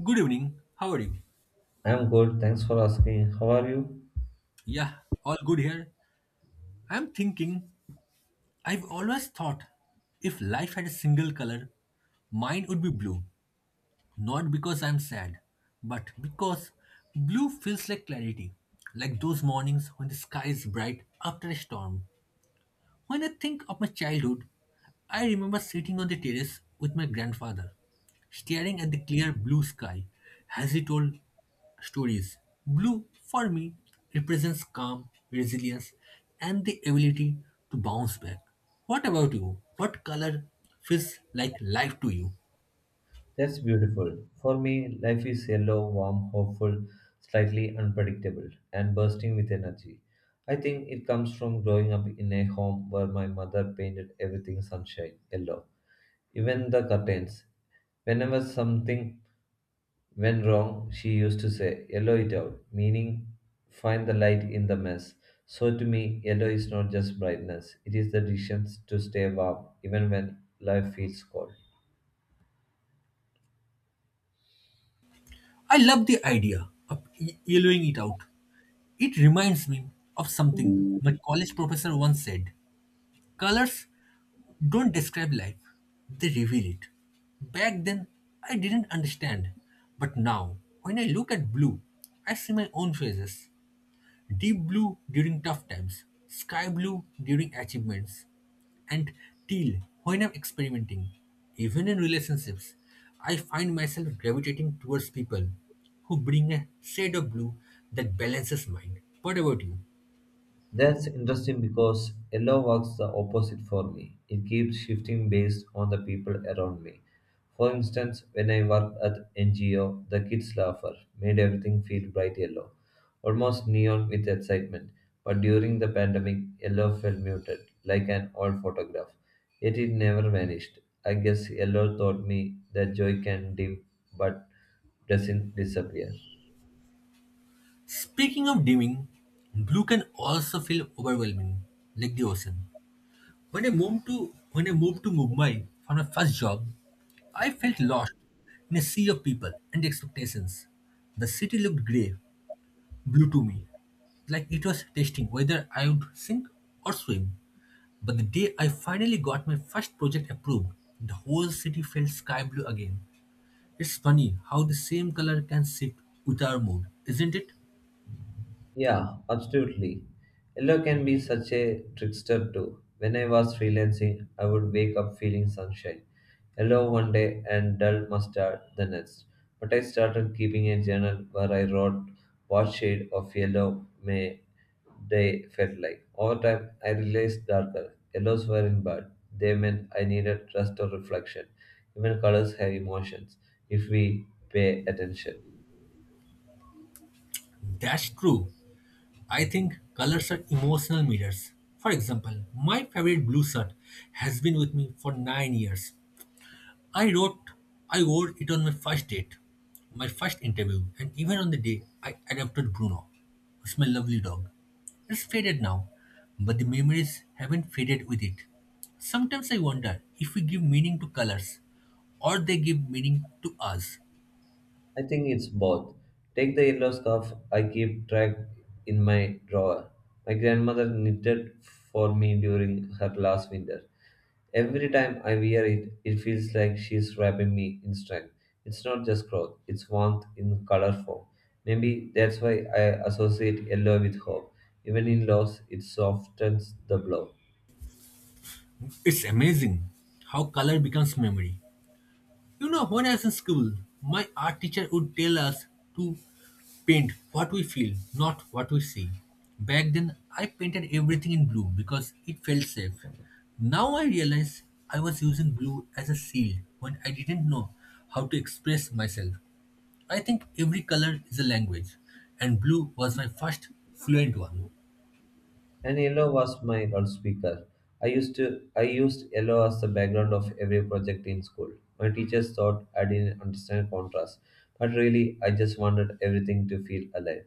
Good evening. How are you? I'm good, thanks for asking. How are you? Yeah, all good here. I'm thinking, I've always thought if life had a single color, mine would be blue. Not because I'm sad, but because blue feels like clarity, like those mornings when the sky is bright after a storm. When I think of my childhood, I remember sitting on the terrace with my grandfather, staring at the clear blue sky as he told stories. Blue, for me, represents calm, resilience, and the ability to bounce back. What about you? What color feels like life to you? That's beautiful. For me, life is yellow, warm, hopeful, slightly unpredictable, and bursting with energy. I think it comes from growing up in a home where my mother painted everything sunshine, yellow, even the curtains. Whenever something went wrong, she used to say, "Yellow it out," meaning find the light in the mess. So to me, yellow is not just brightness, it is the decision to stay warm even when life feels cold. I love the idea of yellowing it out. It reminds me of something my college professor once said colors don't describe life, they reveal it. Back then, I didn't understand. But now, when I look at blue, I see my own phases. Deep blue during tough times, sky blue during achievements, and teal when I'm experimenting. Even in relationships, I find myself gravitating towards people who bring a shade of blue that balances mine. What about you? That's interesting because yellow works the opposite for me. It keeps shifting based on the people around me. For instance, when I worked at NGO, the kids' laughter made everything feel bright yellow, almost neon with excitement. But during the pandemic, yellow felt muted, like an old photograph. Yet it never vanished. I guess yellow taught me that joy can dim but doesn't disappear. Speaking of dimming, blue can also feel overwhelming, like the ocean. When I moved to when I moved to Mumbai for my first job, I felt lost in a sea of people and expectations. The city looked grey, blue to me, like it was testing whether I would sink or swim. But the day I finally got my first project approved, the whole city felt sky blue again. It's funny how the same color can shift with our mood, isn't it? Yeah, absolutely. Yellow can be such a trickster too. When I was freelancing, I would wake up feeling sunshine, yellow one day and dull mustard the next. But I started keeping a journal where I wrote what shade of yellow my day felt like. Over time, I realized darker yellows weren't bad. They meant I needed rest or reflection. Even colors have emotions if we pay attention. That's true. I think colors are emotional mirrors. For example, my favorite blue shirt has been with me for 9 years. I wrote, I wore it on my first date, my first interview, and even on the day I adopted Bruno, who's my lovely dog. It's faded now, but the memories haven't faded with it. Sometimes I wonder if we give meaning to colors or they give meaning to us. I think it's both. Take the yellow scarf I keep track in my drawer. My grandmother knitted for me during her last winter. Every time I wear it, it feels like she's wrapping me in strength. It's not just cloth, it's warmth in color form. Maybe that's why I associate yellow with hope. Even in loss, it softens the blow. It's amazing how color becomes memory. You know, when I was in school, my art teacher would tell us to paint what we feel, not what we see. Back then, I painted everything in blue because it felt safe. Now I realize I was using blue as a seal when I didn't know how to express myself. I think every color is a language, and blue was my first fluent one. And yellow was my loudspeaker. I used to I used yellow as the background of every project in school. My teachers thought I didn't understand contrast, but really I just wanted everything to feel alive.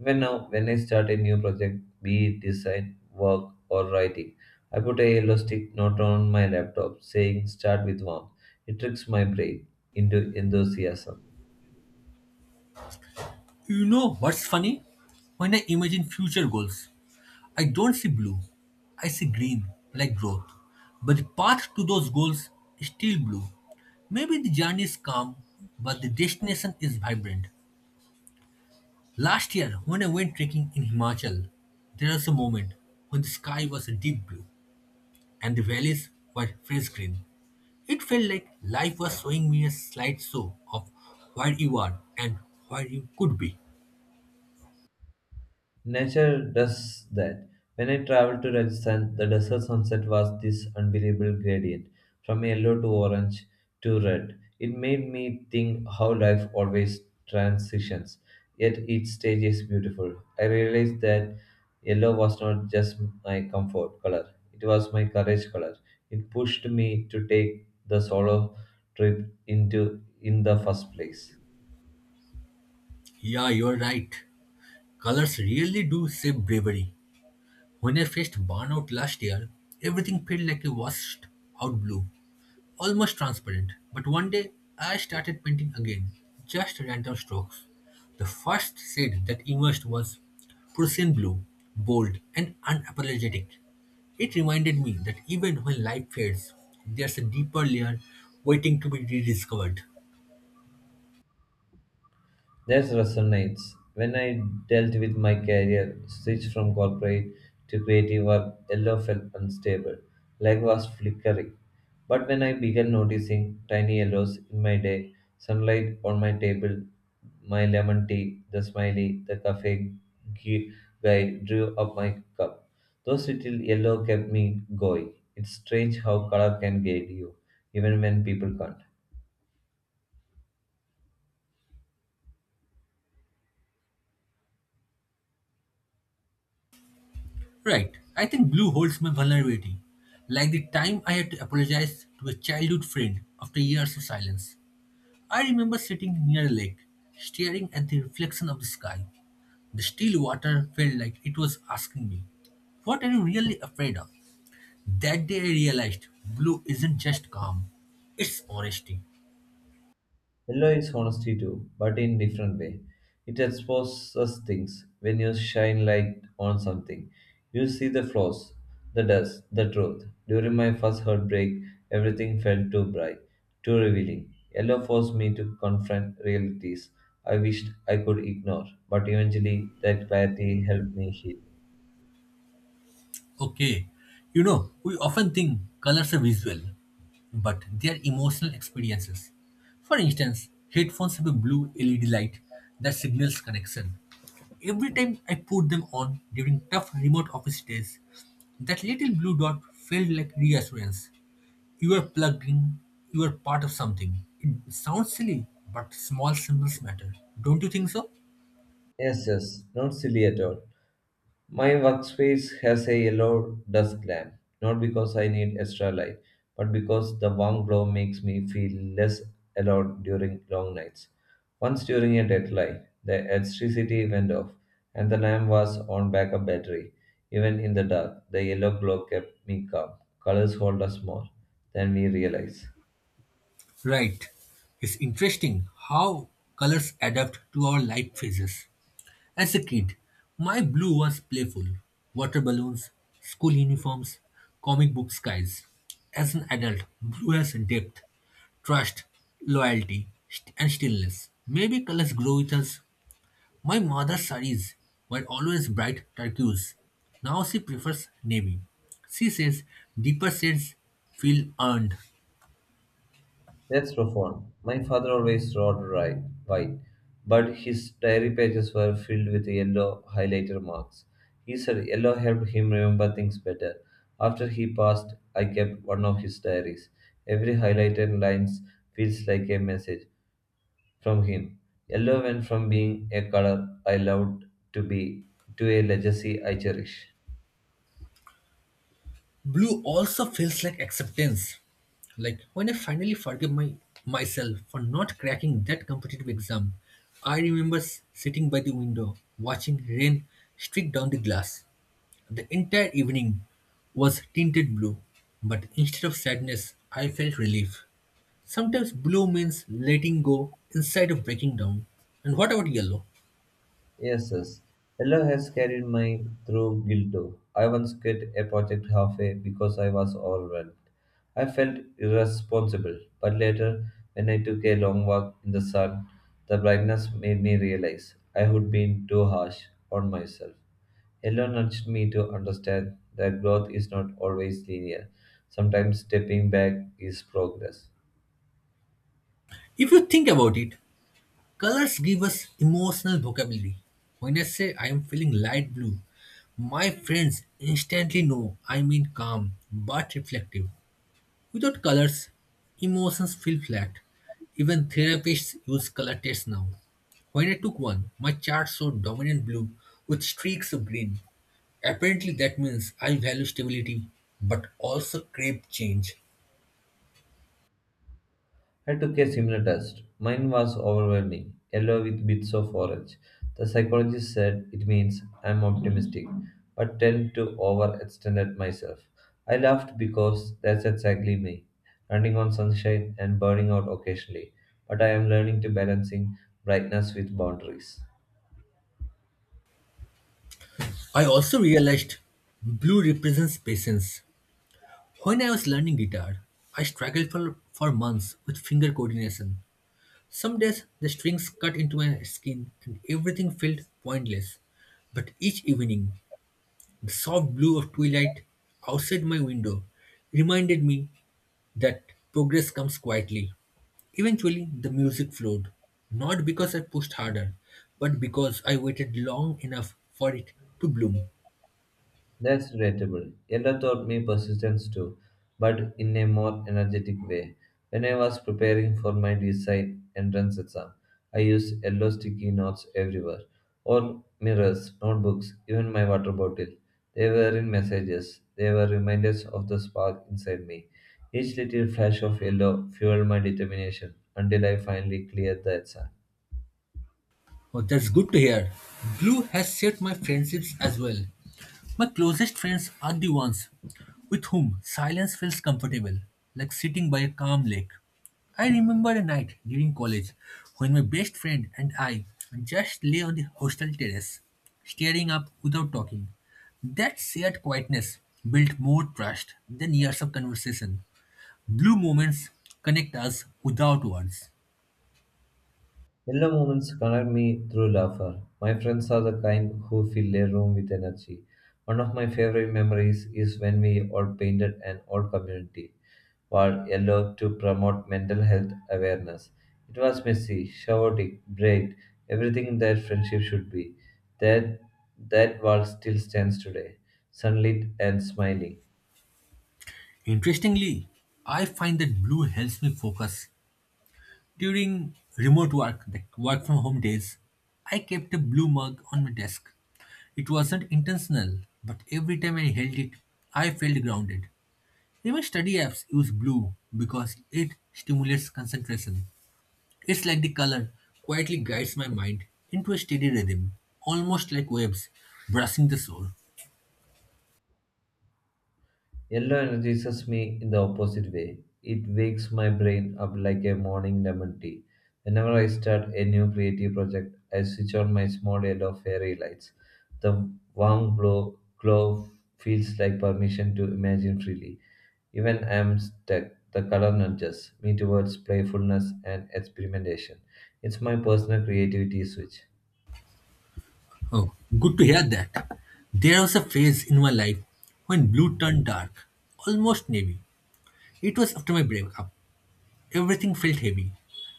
Even now, when I start a new project, be it design, work, or writing, I put a yellow stick note on my laptop saying start with warmth. It tricks my brain into enthusiasm. You know what's funny? When I imagine future goals, I don't see blue. I see green, like growth. But the path to those goals is still blue. Maybe the journey is calm, but the destination is vibrant. Last year, when I went trekking in Himachal, there was a moment when the sky was a deep blue and the valleys were fresh green. It felt like life was showing me a slideshow of where you are and where you could be. Nature does that. When I traveled to Rajasthan, the desert sunset was this unbelievable gradient from yellow to orange to red. It made me think how life always transitions, yet each stage is beautiful. I realized that yellow was not just my comfort color, it was my courage color. It pushed me to take the solo trip into in the first place. Yeah, you're right. Colors really do shape bravery. When I faced burnout last year, everything felt like a washed out blue, almost transparent. But one day, I started painting again, just random strokes. The first shade that emerged was Prussian blue, bold and unapologetic. It reminded me that even when life fades, there's a deeper layer waiting to be rediscovered. That resonates. When I dealt with my career, switched from corporate to creative work, yellow felt unstable. Light was flickering. But when I began noticing tiny yellows in my day, sunlight on my table, my lemon tea, the smiley, the cafe gu- guy drew up my cup. Those little yellow kept me going. It's strange how color can guide you, even when people can't. Right. I think blue holds my vulnerability. Like the time I had to apologize to a childhood friend after years of silence. I remember sitting near a lake, staring at the reflection of the sky. The still water felt like it was asking me, what are you really afraid of? That day I realized blue isn't just calm, it's honesty. Yellow is honesty too, but in different way. It exposes things. When you shine light on something, you see the flaws, the dust, the truth. During my first heartbreak, everything felt too bright, too revealing. Yellow forced me to confront realities I wished I could ignore, but eventually that clarity helped me heal. Okay. We often think colors are visual, but they are emotional experiences. For instance, headphones have a blue LED light that signals connection. Every time I put them on during tough remote office days, that little blue dot felt like reassurance. You are plugged in, you are part of something. It sounds silly, but small symbols matter. Don't you think so? Yes, yes, not silly at all. My workspace has a yellow dusk lamp, not because I need extra light, but because the warm glow makes me feel less alone during long nights. Once during a deadline, the electricity went off, and the lamp was on backup battery. Even in the dark, the yellow glow kept me calm. Colors hold us more than we realize. Right. It's interesting how colors adapt to our life phases. As a kid, my blue was playful water balloons, school uniforms, comic book skies. As an adult, blue has depth, trust, loyalty, and stillness. Maybe colors grow with us. My mother's saris were always bright turquoise. Now she prefers navy. She says deeper shades feel earned. That's profound. My father always wrote right, white, but his diary pages were filled with yellow highlighter marks. He said yellow helped him remember things better. After he passed, I kept one of his diaries. Every highlighted line feels like a message from him. Yellow went from being a color I loved to be to a legacy I cherish. Blue also feels like acceptance. Like when I finally forgive my myself for not cracking that competitive exam, I remember sitting by the window watching rain streak down the glass. The entire evening was tinted blue, but instead of sadness, I felt relief. Sometimes blue means letting go instead of breaking down. And what about yellow? Yes, yes. Hello has carried me through Guilto. I once quit a project halfway because I was overwhelmed. I felt irresponsible, but later, when I took a long walk in the sun, the brightness made me realize I had been too harsh on myself. Hello nudged me to understand that growth is not always linear. Sometimes stepping back is progress. If you think about it, colors give us emotional vocabulary. When I say I am feeling light blue, my friends instantly know I mean calm but reflective. Without colors, emotions feel flat. Even therapists use color tests now. When I took one, my chart showed dominant blue with streaks of green. Apparently, that means I value stability but also crave change. I took a similar test. Mine was overwhelming, yellow with bits of orange. The psychologist said it means I'm optimistic, but tend to overextend at myself. I laughed because that's exactly me, running on sunshine and burning out occasionally. But I am learning to balancing brightness with boundaries. I also realized blue represents patience. When I was learning guitar, I struggled for months with finger coordination. Some days the strings cut into my skin and everything felt pointless. But each evening, the soft blue of twilight outside my window reminded me that progress comes quietly. Eventually, the music flowed, not because I pushed harder, but because I waited long enough for it to bloom. That's relatable. Yella taught me persistence too, but in a more energetic way. When I was preparing for my design entrance exam, I used yellow sticky notes everywhere. All mirrors, notebooks, even my water bottle. They were in messages. They were reminders of the spark inside me. Each little flash of yellow fueled my determination until I finally cleared the exam. Oh, that's good to hear. Blue has shaped my friendships as well. My closest friends are the ones with whom silence feels comfortable, like sitting by a calm lake. I remember a night during college when my best friend and I just lay on the hostel terrace, staring up without talking. That shared quietness built more trust than years of conversation. Blue moments connect us without words. Yellow moments connect me through laughter. My friends are the kind who fill a room with energy. One of my favorite memories is when we all painted an old community wall yellow to promote mental health awareness. It was messy, chaotic, bright, everything that friendship should be. That that wall still stands today, sunlit and smiling. Interestingly, I find that blue helps me focus during remote work, like work from home days. I kept a blue mug on my desk. It wasn't intentional, but every time I held it, I felt grounded. Even study apps use blue because it stimulates concentration. It's like the color quietly guides my mind into a steady rhythm, almost like waves brushing the shore. Yellow energizes me in the opposite way. It wakes my brain up like a morning lemon tea. Whenever I start a new creative project, I switch on my small yellow fairy lights. The glow feels like permission to imagine freely. Even I am stuck, the color nudges me towards playfulness and experimentation. It's my personal creativity switch. Oh, good to hear that. There was a phase in my life when blue turned dark, almost navy. It was after my breakup. Everything felt heavy,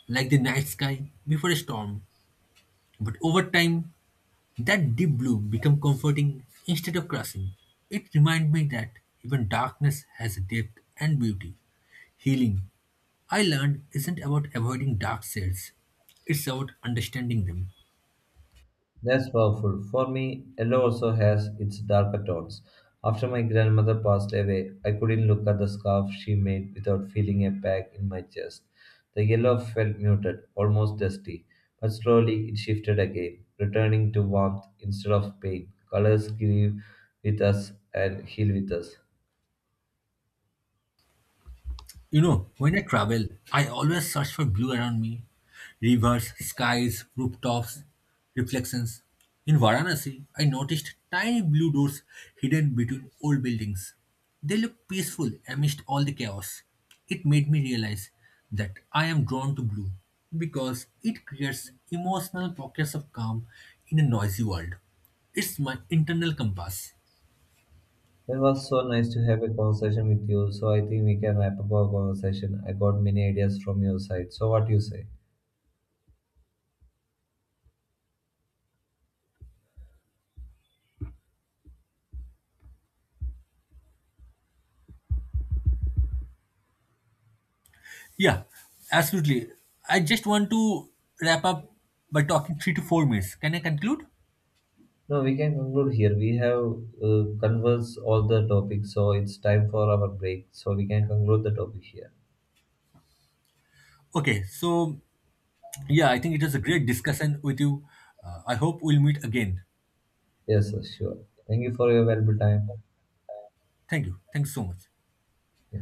like the night sky before a storm. But over time, that deep blue became comforting instead of crushing. It reminded me that even darkness has depth and beauty. Healing, I learned, isn't about avoiding dark shades, it's about understanding them. That's powerful. For me, yellow also has its darker tones. After my grandmother passed away, I couldn't look at the scarf she made without feeling a pang in my chest. The yellow felt muted, almost dusty, but slowly it shifted again, returning to warmth instead of pain. Colors grieve with us and heal with us. When I travel, I always search for blue around me rivers, skies, rooftops, reflections. In Varanasi, I noticed tiny blue doors hidden between old buildings. They look peaceful amidst all the chaos. It made me realize that I am drawn to blue because it creates emotional pockets of calm in a noisy world. It's my internal compass. It was so nice to have a conversation with you, so I think we can wrap up our conversation. I got many ideas from your side. So, what do you say? Yeah, absolutely. I just want to wrap up by talking 3 to 4 minutes. Can I conclude? No, we can conclude here. We have conversed all the topics, so it's time for our break. So we can conclude the topic here. Okay, so yeah, I think it was a great discussion with you. I hope we'll meet again. Yes, sir, sure. Thank you for your valuable time. Thank you. Thanks so much. Yeah.